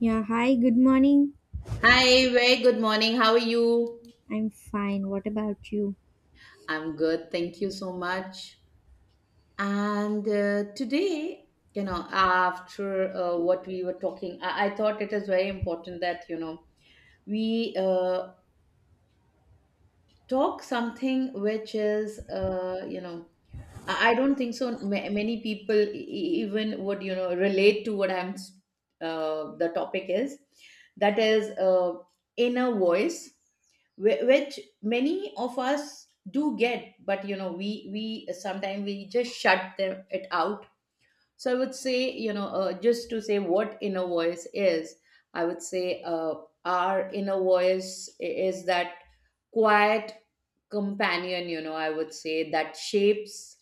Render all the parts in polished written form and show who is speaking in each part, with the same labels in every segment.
Speaker 1: Yeah, hi, good morning.
Speaker 2: Hi, very good morning. How are you?
Speaker 1: I'm fine. What about you?
Speaker 2: I'm good. Thank you so much. And today, after what we were talking, I thought it is very important that, we talk something which is, I don't think so. Many people even would relate to what the topic is. That is inner voice, which many of us do get, but we sometimes we just shut them it out. So I would say, just to say what inner voice is, I would say our inner voice is that quiet companion. I would say that shapes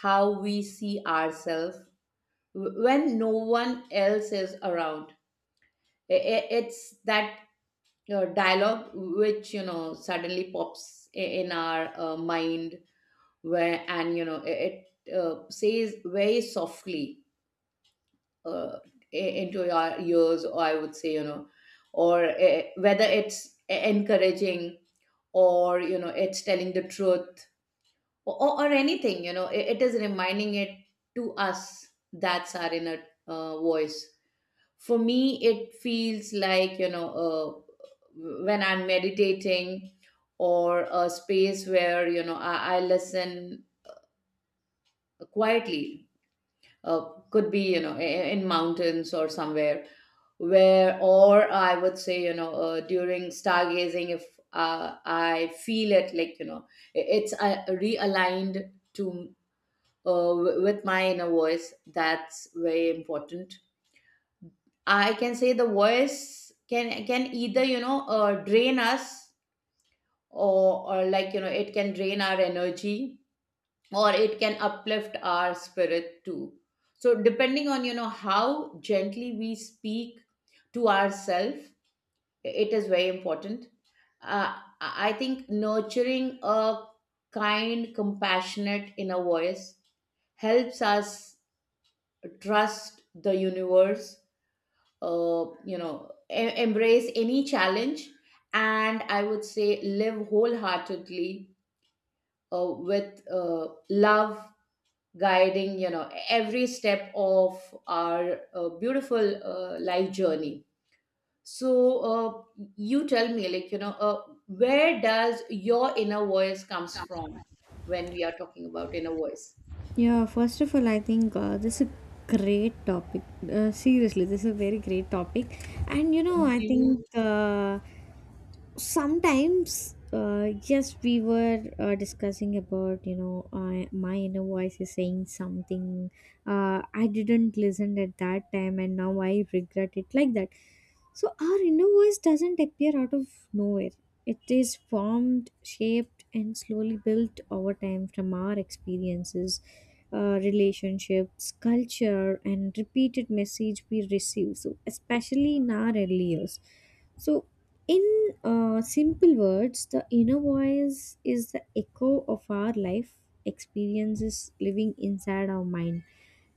Speaker 2: how we see ourselves when no one else is around. It's that dialogue which, suddenly pops in our mind, where, and it says very softly, uh, i- into your ears, or I would say, you know or whether it's encouraging, or it's telling the truth, or anything, it is reminding it to us. That's our inner voice. For me it feels like, when I'm meditating, or a space where, I listen quietly. uh, could be, in mountains or somewhere, where, or I would say, during stargazing, if I feel it like, it's realigned to, with my inner voice. That's very important. I can say the voice can either, drain us, or like, it can drain our energy, or it can uplift our spirit too. So depending on, how gently we speak to ourselves, it is very important. uh, i I think nurturing a kind, compassionate inner voice helps us trust the universe, embrace any challenge, and I would say, live wholeheartedly, with love guiding, every step of our beautiful life journey. So you tell me, like, where does your inner voice comes from, when we are talking about inner voice?
Speaker 1: Yeah, first of all, I think this is a great topic. Seriously, this is a very great topic. And you know,
Speaker 2: Thank
Speaker 1: I
Speaker 2: you,
Speaker 1: think sometimes yes we were discussing about my inner voice is saying something, I didn't listen at that time and now I regret it like that. So our inner voice doesn't appear out of nowhere. It is formed, shaped and slowly built over time from our experiences, relationships, culture and repeated message we receive, so especially in our early years. So in simple words, the inner voice is the echo of our life experiences living inside our mind.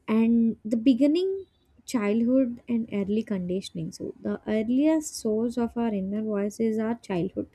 Speaker 1: And the beginning, childhood, and early conditioning. So, the earliest source of our inner voice is our childhood.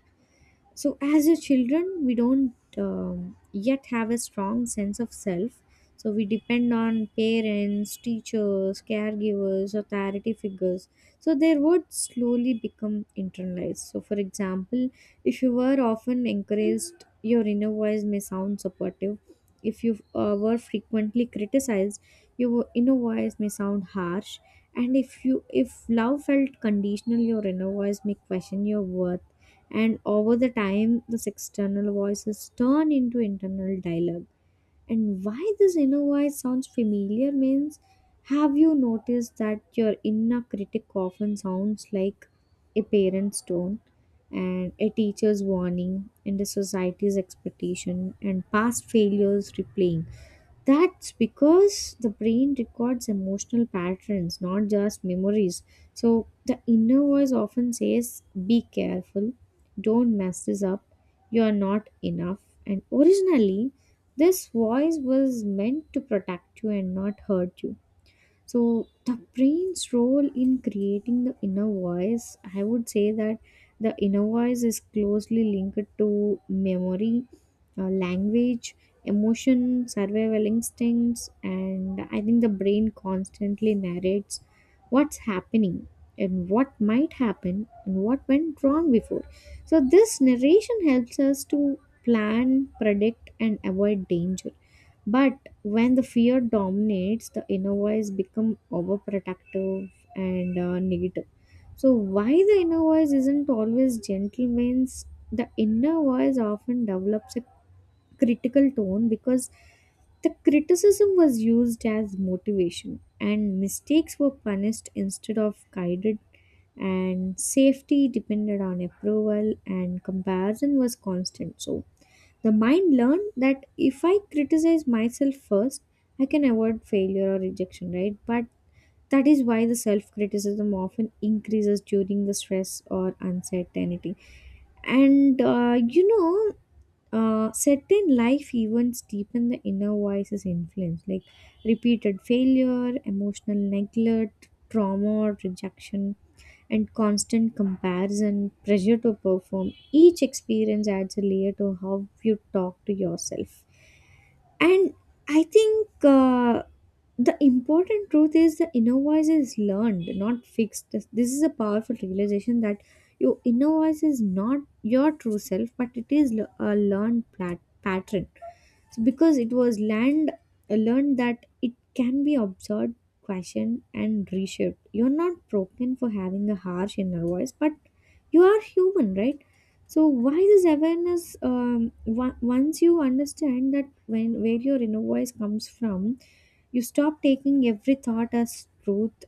Speaker 1: So, as a children, we don't yet have a strong sense of self. So, we depend on parents, teachers, caregivers, authority figures. So, their words slowly become internalized. So, for example, if you were often encouraged, your inner voice may sound supportive. If you were frequently criticized, your inner voice may sound harsh. And if you if love felt conditional, your inner voice may question your worth, and over the time this external voices turn into internal dialogue. And why this inner voice sounds familiar means, have you noticed that your inner critic often sounds like a parent's tone, and a teacher's warning, and a society's expectation, and past failures replaying? That's because the brain records emotional patterns, not just memories. So the inner voice often says, be careful, don't mess this up, you are not enough. And originally, this voice was meant to protect you and not hurt you. So, the brain's role in creating the inner voice, I would say that the inner voice is closely linked to memory, language, emotion, survival instincts, and I think the brain constantly narrates what's happening and what might happen and what went wrong before. So, this narration helps us to plan, predict, and avoid danger. But when the fear dominates, the inner voice become overprotective and negative. So why the inner voice isn't always gentle means the inner voice often develops a critical tone because the criticism was used as motivation, and mistakes were punished instead of guided, and safety depended on approval, and comparison was constant, so the mind learned that if I criticize myself first, I can avoid failure or rejection, right? But that is why the self criticism often increases during the stress or uncertainty. And certain life events deepen the inner voice's influence, like repeated failure, emotional neglect, trauma or rejection, and constant comparison, pressure to perform. Each experience adds a layer to how you talk to yourself. And I think the important truth is the inner voice is learned, not fixed. This is a powerful realization that your inner voice is not your true self, but it is a pattern. So because it was learned, learned that it can be observed, questioned, and reshaped. You're not broken for having a harsh inner voice, but you are human, right? So why this awareness? Once you understand that when where your inner voice comes from, you stop taking every thought as truth.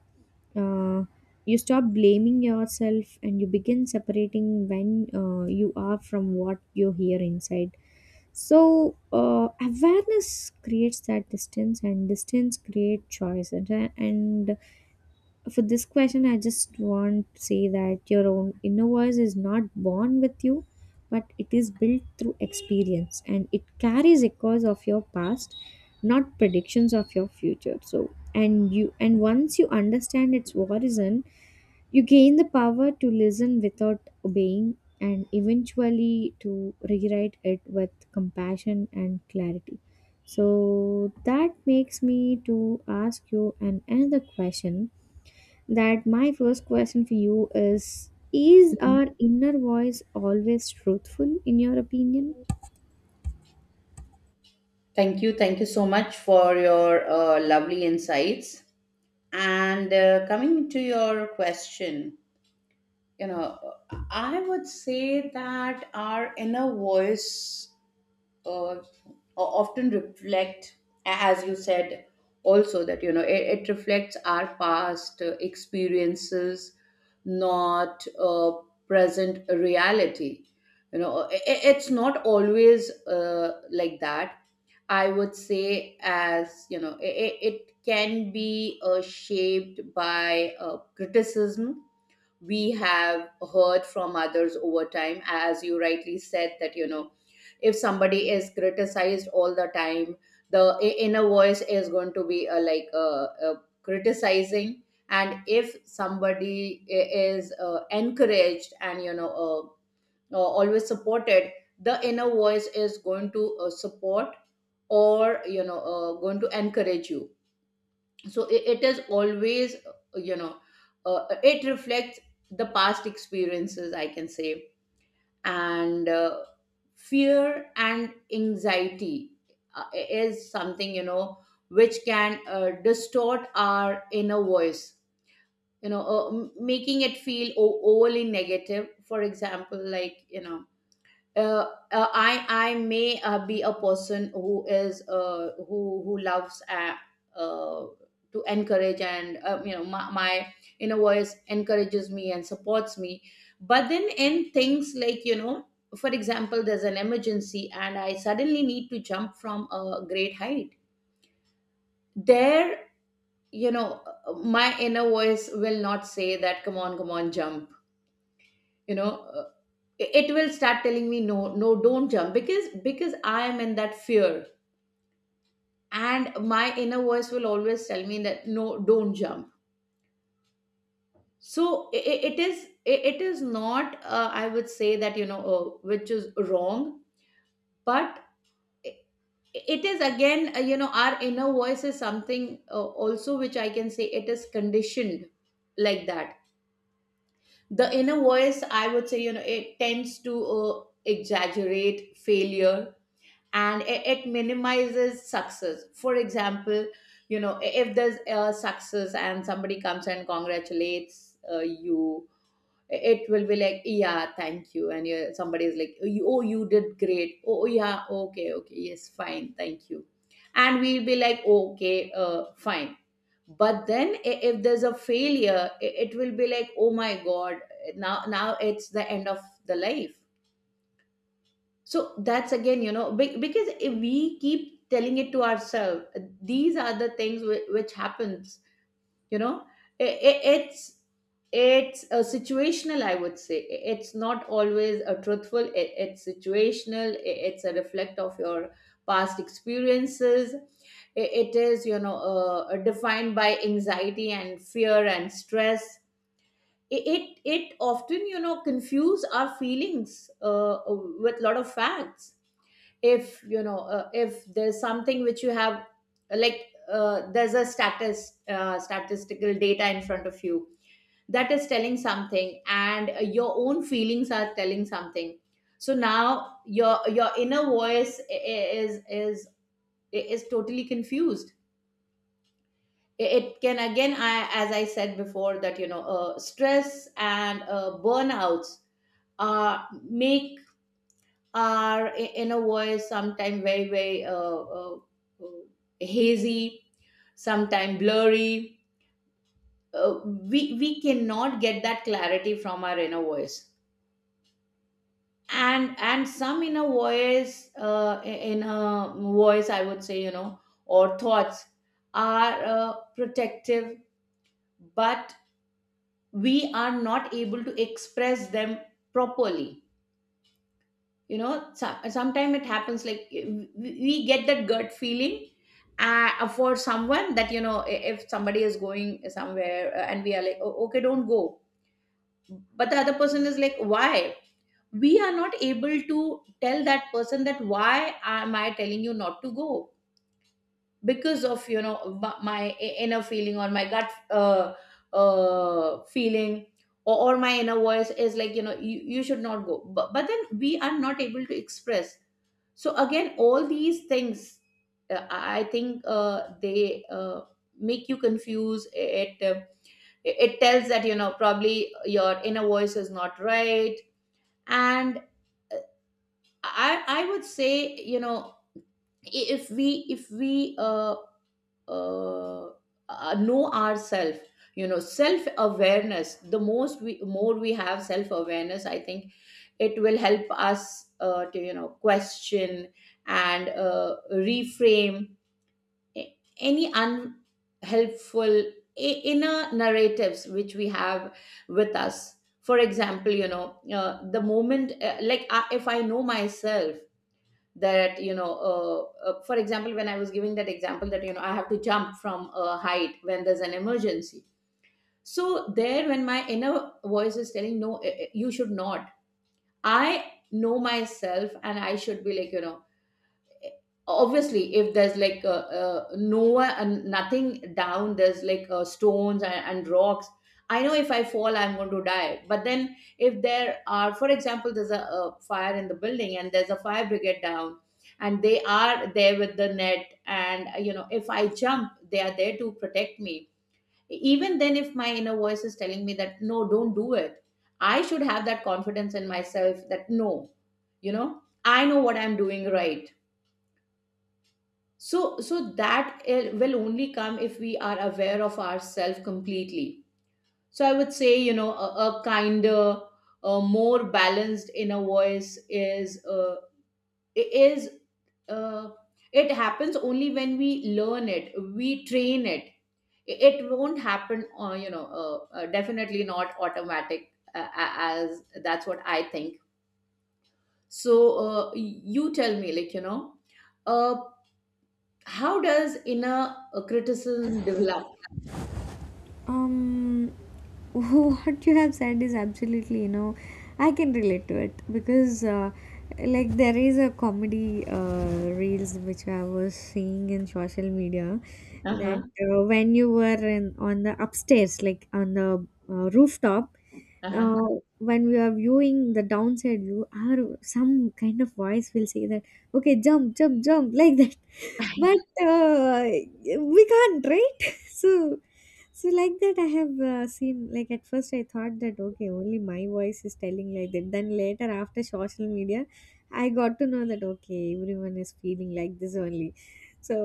Speaker 1: Uh, you stop blaming yourself, and you begin separating when you are from what you hear inside. So awareness creates that distance, and distance creates choice, and for this question, I just want to say that your own inner voice is not born with you, but it is built through experience and it carries echoes of your past, not predictions of your future. So, and you and once you understand its origin, you gain the power to listen without obeying and eventually to rewrite it with compassion and clarity. So that makes me to ask you an another question, that my first question for you is our inner voice always truthful, in your opinion?
Speaker 2: thank you, thank you so much for your lovely insights. And coming to your question, you know, I would say that our inner voice uh, often reflect, as you said also, that it reflects our past experiences, not present reality. It's not always like that. I would say, as you know, it can be shaped by criticism we have heard from others over time. As you rightly said, that, if somebody is criticized all the time, the inner voice is going to be, like, criticizing. And if somebody is encouraged and, always supported, the inner voice is going to support, or going to encourage you. So it is always, you know it reflects the past experiences, I can say. And fear and anxiety is something, which can distort our inner voice. Making it feel overly negative, for example, like, uh, I may be a person who is, who loves, uh, to encourage. And my inner voice encourages me and supports me. But then, in things like, for example, there's an emergency and I suddenly need to jump from a great height. There, you know, my inner voice will not say that, "Come on, come on, jump." You know, uh, it will start telling me, no, no, don't jump, because I am in that fear, and my inner voice will always tell me that, no, don't jump. So it is not, I would say that, which is wrong. But i- it is again, our inner voice is something, also, which I can say, it is conditioned, like that. The inner voice, I would say, it tends to exaggerate failure, and it minimizes success, for example. If there's a success, and somebody comes and congratulates you, it will be like, yeah, thank you. And you, somebody is like, oh, you did great. Oh, yeah, okay, okay, yes, fine, thank you. And we'll be like, okay, fine. But then, if there's a failure, it will be like, oh my god, now it's the end of the life. So that's again, you know, because if we keep telling it to ourselves, these are the things which happens. You know, I- I- it's it's a situational. I would say, it's not always a truthful. It's situational. It's a reflect of your past experiences. It is, you know, defined by anxiety and fear and stress. I- It it often, you know, confuse our feelings uh, with lot of facts. If if there's something which you have, like, there's a status statistical data in front of you that is telling something, and your own feelings are telling something. So now your inner voice is totally confused. It can again, as I said before, that, stress and burnouts make our inner voice sometimes very, very uh, uh, hazy, sometimes blurry. We cannot get that clarity from our inner voice. And some inner voice, inner voice, I would say, or thoughts, are protective, but we are not able to express them properly. You know, so sometimes it happens like, we get that gut feeling for someone, that, if somebody is going somewhere, and we are like, "Oh, okay, don't go," but the other person is like, why? We are not able to tell that person that, why am I telling you not to go? Because of, you know, my inner feeling, or my gut, uh, feeling, or my inner voice is like, you know, you should not go, but then we are not able to express. So again, all these things, I think, they make you confuse. It tells that, you know, probably your inner voice is not right. And I would say, you know, if we uh, know ourselves, you know, self awareness, the most we more we have self awareness, I think, it will help us to, question and reframe any unhelpful inner narratives which we have with us. For example, the moment, like, if I know myself, that, for example, when I was giving that example, that, you know, I have to jump from a height when there's an emergency, so there, when my inner voice is telling, no, you should not, I know myself, and I should be like, you know, obviously, if there's like, no, and nothing down, there's like, stones and rocks. I know if I fall, I'm going to die. But then, if there are, for example, there's a fire in the building, and there's a fire brigade down, and they are there with the net, and you know, if I jump, they are there to protect me. Even then, if my inner voice is telling me that, no, don't do it, I should have that confidence in myself that, no, you know, I know what I'm doing, right? So that, it will only come if we are aware of ourselves completely. So I would say, you know, a kinder, a more balanced inner voice is, is, uh, it happens only when we learn it, we train it. It won't happen, definitely not automatic, as that's what I think. So uh, you tell me, like, uh, how does inner criticism develop?
Speaker 1: Um, what you have said is absolutely, you know, I can relate to it because, like, there is a comedy reels which I was seeing in social media, that
Speaker 2: Uh-huh.
Speaker 1: when you were in on the upstairs, like on the rooftop,
Speaker 2: Uh-huh.
Speaker 1: uh, when we are viewing the downside view, our some kind of voice will say that, okay, jump, jump, jump, like that, but we can't, right? So like that, I have seen. Like at first, I thought that okay, only my voice is telling like that. Then later, after social media, I got to know that okay, everyone is feeling like this only. So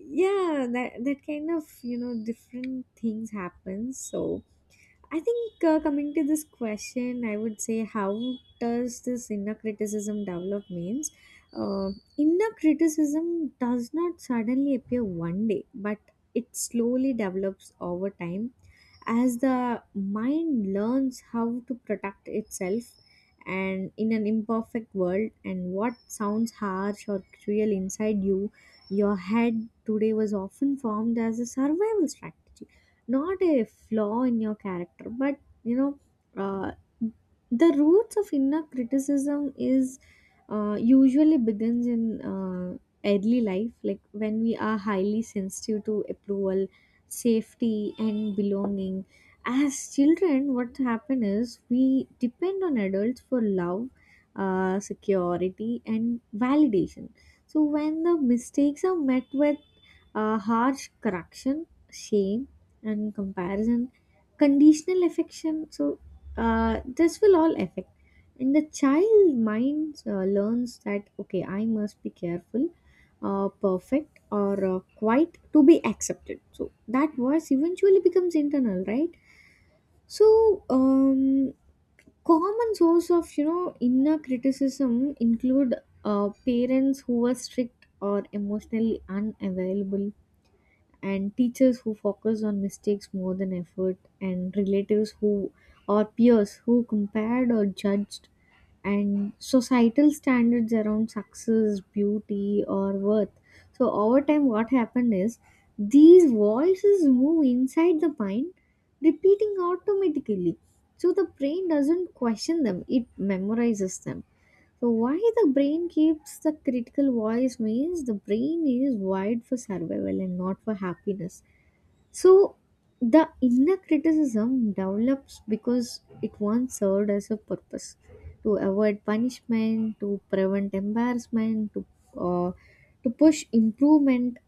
Speaker 1: yeah, that kind of you know different things happen. So I think coming to this question, I would say how does this inner criticism develop means, uh, inner criticism does not suddenly appear one day, but it slowly develops over time as the mind learns how to protect itself, and in an imperfect world, and what sounds harsh or cruel inside you your head today was often formed as a survival strategy, not a flaw in your character, but you know, uh, the roots of inner criticism is usually begins in uh, early life, like when we are highly sensitive to approval, safety and belonging. As children what happens is we depend on adults for love, security and validation. So when the mistakes are met with harsh correction, shame and comparison, conditional affection. So, this will all affect. And the child mind learns that, okay, I must be careful, perfect, or quiet to be accepted. So, that voice eventually becomes internal, right? So, common source of you know inner criticism include parents who were strict or emotionally unavailable, and teachers who focus on mistakes more than effort, and relatives who or peers who compared or judged, and societal standards around success, beauty or worth. So over time what happened is these voices move inside the mind, repeating automatically. So the brain doesn't question them, it memorizes them. So why the brain keeps the critical voice means the brain is wired for survival and not for happiness. So the inner criticism develops because it once served as a purpose, to avoid punishment, to prevent embarrassment, uh, to push improvement,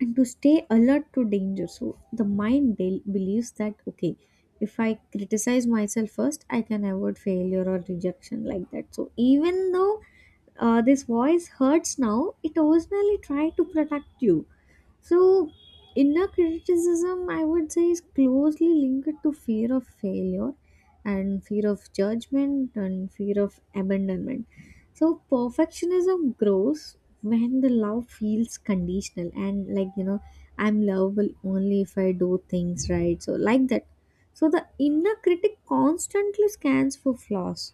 Speaker 1: and to stay alert to danger. So the mind believes that okay, if I criticize myself first, I can avoid failure or rejection like that. So even though this voice hurts now, it originally tried to protect you. So, inner criticism, I would say, is closely linked to fear of failure and fear of judgment and fear of abandonment. So, perfectionism grows when the love feels conditional and, like, you know, I'm lovable only if I do things right. So, like that. So, the inner critic constantly scans for flaws,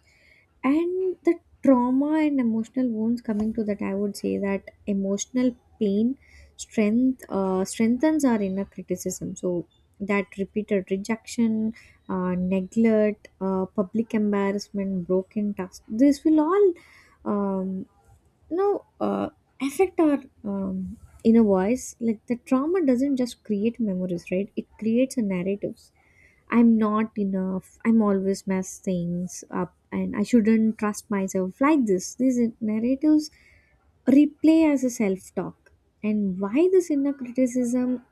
Speaker 1: and the trauma and emotional wounds, coming to that I would say that emotional pain strengthens our inner criticism. So that repeated rejection, neglect, public embarrassment, broken trust, this will all um, now, uh, affect our inner voice. Like the trauma doesn't just create memories, right? It creates a narratives. I'm not enough. I'm always mess things up, and I shouldn't trust myself like this. These narratives replay as a self talk. And why this inner criticism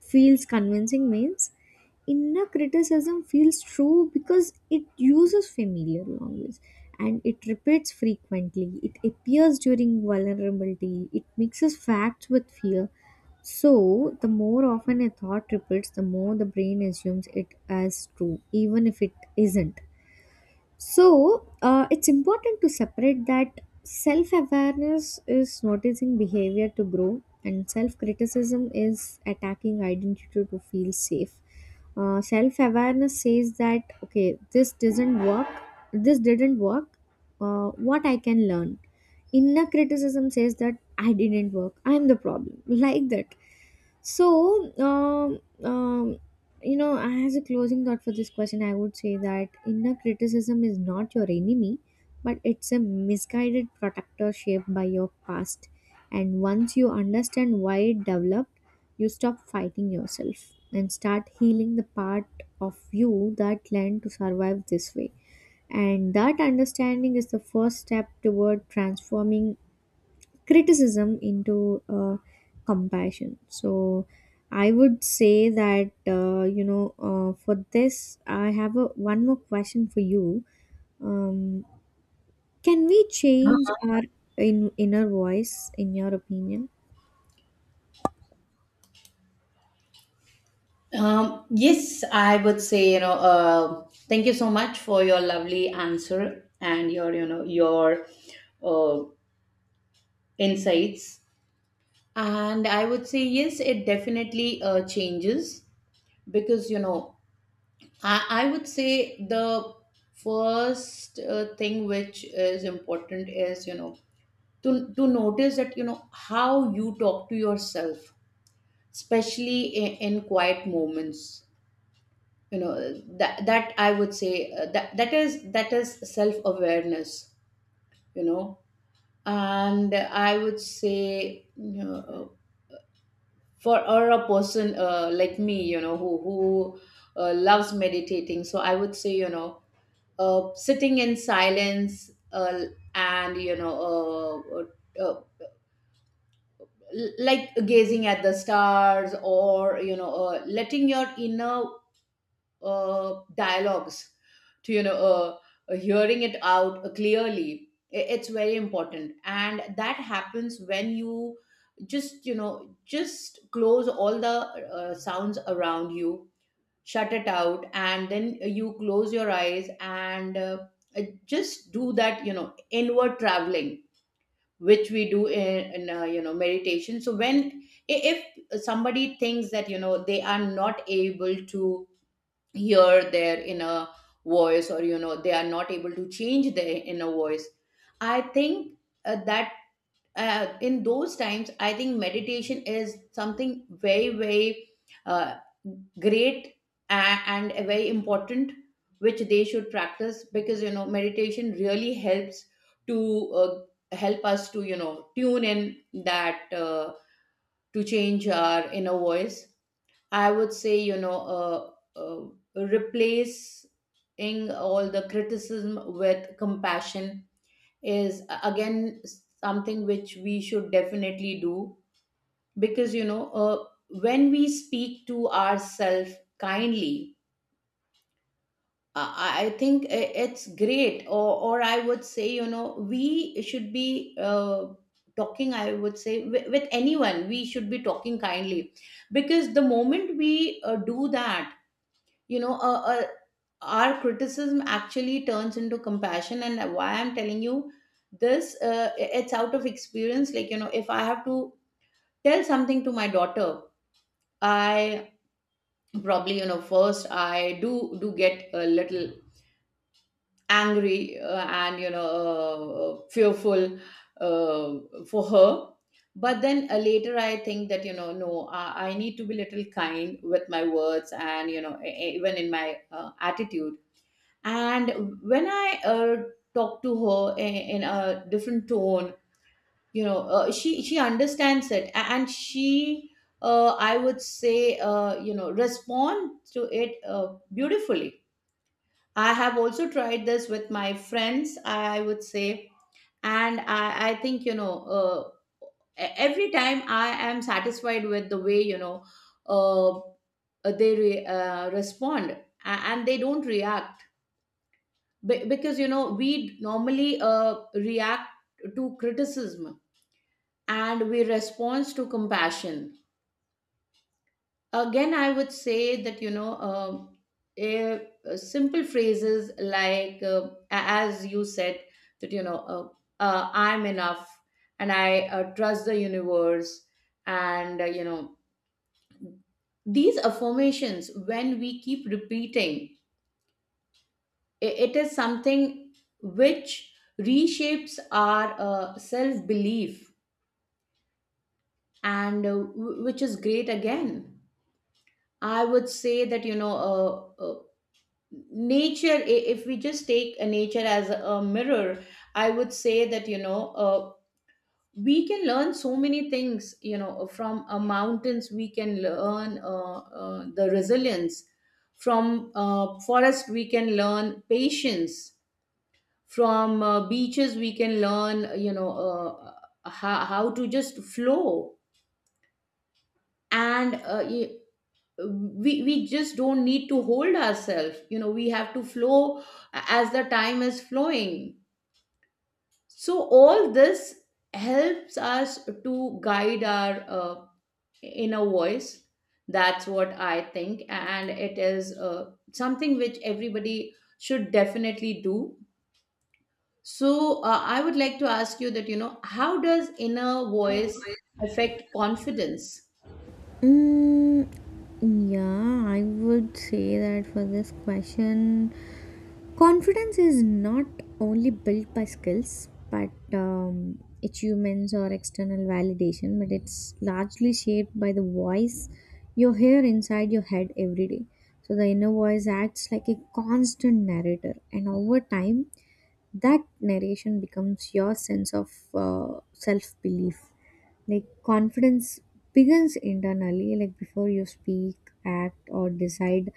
Speaker 1: feels convincing means, inner criticism feels true because it uses familiar language, and it repeats frequently, it appears during vulnerability, it mixes facts with fear. So the more often a thought repeats, the more the brain assumes it as true, even if it isn't. So it's important to separate that self awareness is noticing behavior to grow, and self criticism is attacking identity to feel safe. Self awareness says that, okay, this doesn't work, this didn't work, what I can learn. Inner criticism says that I didn't work, I'm the problem, like that. So you know, as a closing thought for this question, I would say that inner criticism is not your enemy, but it's a misguided protector shaped by your past. And once you understand why it developed, you stop fighting yourself and start healing the part of you that learned to survive this way. And that understanding is the first step toward transforming criticism into compassion. So I would say that for this I have a one more question for you. um, can we change our inner voice in your opinion?
Speaker 2: Yes, I would say, you know, thank you so much for your lovely answer and your, you know, your uh, insights. And I would say, yes, it definitely changes because I would say the first thing which is important is, to notice how you talk to yourself, especially in quiet moments, you know that that I would say that is self awareness, you know. And I would say, you know, for or a person like me, you know who loves meditating. So I would say, you know, sitting in silence, and you know, like gazing at the stars, or you know, letting your inner dialogues, to, you know, hearing it out clearly, it's very important. And that happens when you just, you know, just close all the sounds around you, shut it out, and then you close your eyes and just do that, you know, inward traveling, which we do in, you know, meditation. So when, if somebody thinks that, you know, they are not able to hear their inner voice, or, you know, they are not able to change their inner voice, I think that in those times, I think meditation is something very, very uh, great and very important, which they should practice, because, you know, meditation really helps to help us to, you know, tune in that to change our inner voice. I would say, you know, uh, uh, replacing all the criticism with compassion is, again, something which we should definitely do, because, you know, when we speak to ourselves kindly, I think it's great. Or I would say, you know, we should be talking, I would say, with anyone. We should be talking kindly, because the moment we do that, you know, our criticism actually turns into compassion. And why I'm telling you this, it's out of experience. Like, you know, if I have to tell something to my daughter, I probably, you know, first I do get a little angry, and, you know, fearful for her. But then later I think that, you know, no, I need to be little kind with my words, and, you know, even in my attitude. And when I talk to her in a different tone, you know, she understands it, and she, I would say, you know, respond to it beautifully. I have also tried this with my friends, I would say, and I think, you know, uh, every time I am satisfied with the way, you know, uh, they respond and they don't react. Because, you know, we normally react to criticism, and we respond to compassion. Again, I would say that, you know, eh, simple phrases like, as you said, that, you know, I'm enough, and I trust the universe. And, you know, these affirmations, when we keep repeating, it is something which reshapes our self belief, and, which is great. Again, I would say that, you know uh, uh, nature, if we just take a nature as a mirror, I would say that, you know, uh, we can learn so many things, you know. From mountains we can learn the resilience, from forest we can learn patience, from beaches we can learn, you know, how to just flow. And we just don't need to hold ourselves you know we have to flow as the time is flowing. So all this helps us to guide our inner voice. That's what I think, and it is something which everybody should definitely do. So, I would like to ask you that, you know, how does inner voice affect confidence?
Speaker 1: mm, yeah I would say that for this question, confidence is not only built by skills, but achievements or external validation, but it's largely shaped by the voice you hear inside your head every day. So the inner voice acts like a constant narrator, and over time, that narration becomes your sense of self belief. Like confidence begins internally, like before you speak, act, or decide,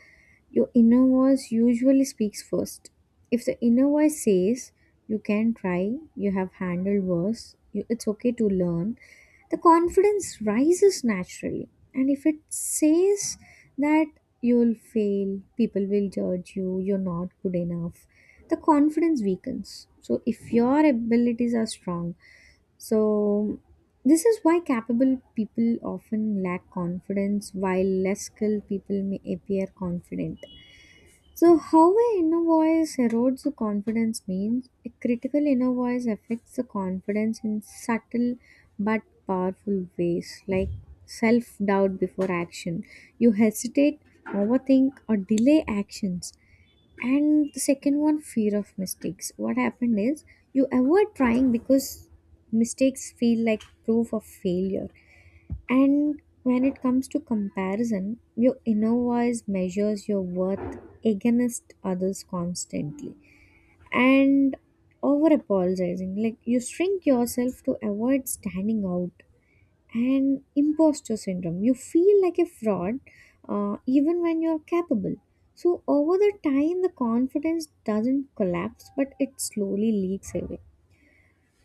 Speaker 1: your inner voice usually speaks first. If the inner voice says, you can try, you have handled worse, you, it's okay to learn, the confidence rises naturally. And if it says that you'll fail, people will judge you, you're not good enough, the confidence weakens. So if your abilities are strong, so this is why capable people often lack confidence, while less skilled people may appear confident. So, how an inner voice erodes the confidence means, a critical inner voice affects the confidence in subtle but powerful ways, like self doubt before action. You hesitate, overthink, or delay actions. And the second one, fear of mistakes. What happened is you avoid trying because mistakes feel like proof of failure. And when it comes to comparison, your inner voice measures your worth against others constantly. And over apologizing, like you shrink yourself to avoid standing out. And imposter syndrome, you feel like a fraud even when you're capable. So, over the time, the confidence doesn't collapse but it slowly leaks away.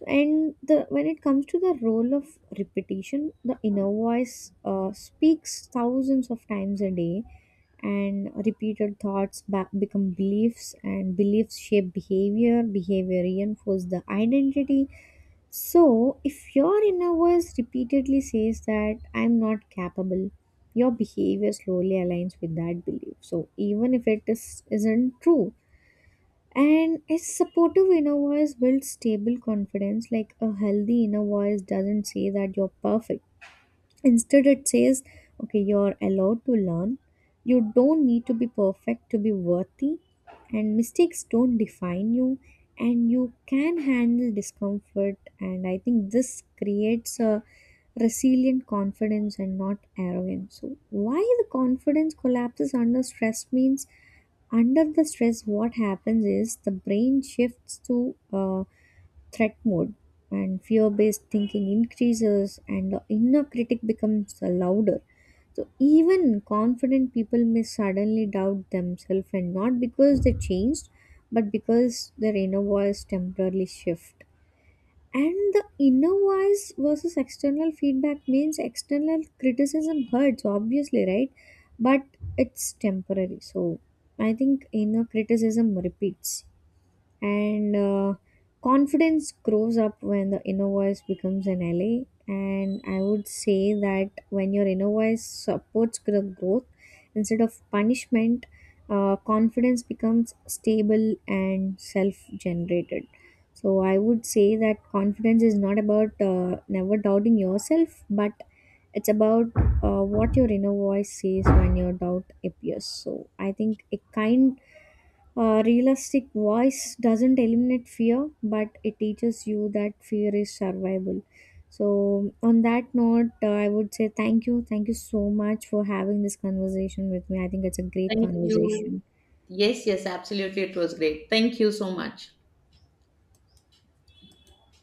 Speaker 1: And the when it comes to the role of repetition, the inner voice speaks thousands of times a day, and repeated thoughts become beliefs, and beliefs shape behavior, behavior reinforce the identity. So if your inner voice repeatedly says that I'm not capable, your behavior slowly aligns with that belief, so even if it is isn't true. And a supportive inner voice builds stable confidence. Like a healthy inner voice doesn't say that you're perfect. Instead, it says, okay, you're allowed to learn. You don't need to be perfect to be worthy, and mistakes don't define you, and you can handle discomfort. And I think this creates a resilient confidence and not arrogance. So, why the confidence collapses under stress means, under the stress, what happens is the brain shifts to threat mode, and fear based thinking increases, and the inner critic becomes louder. So even confident people may suddenly doubt themselves, and not because they changed, but because their inner voice temporarily shift. And the inner voice versus external feedback means external criticism hurts obviously right, but it's temporary. So I think inner criticism repeats, and confidence grows up when the inner voice becomes an ally. And I would say that when your inner voice supports growth instead of punishment, confidence becomes stable and self generated. So I would say that confidence is not about never doubting yourself, but it's about what your inner voice says when your doubt appears. So I think a kind, a realistic voice doesn't eliminate fear, but it teaches you that fear is survival. So, on that note, I would say thank you. Thank you so much for having this conversation with me. I think it's a great
Speaker 2: Thank you.
Speaker 1: conversation.
Speaker 2: Yes, yes, absolutely. It was great. Thank you so much.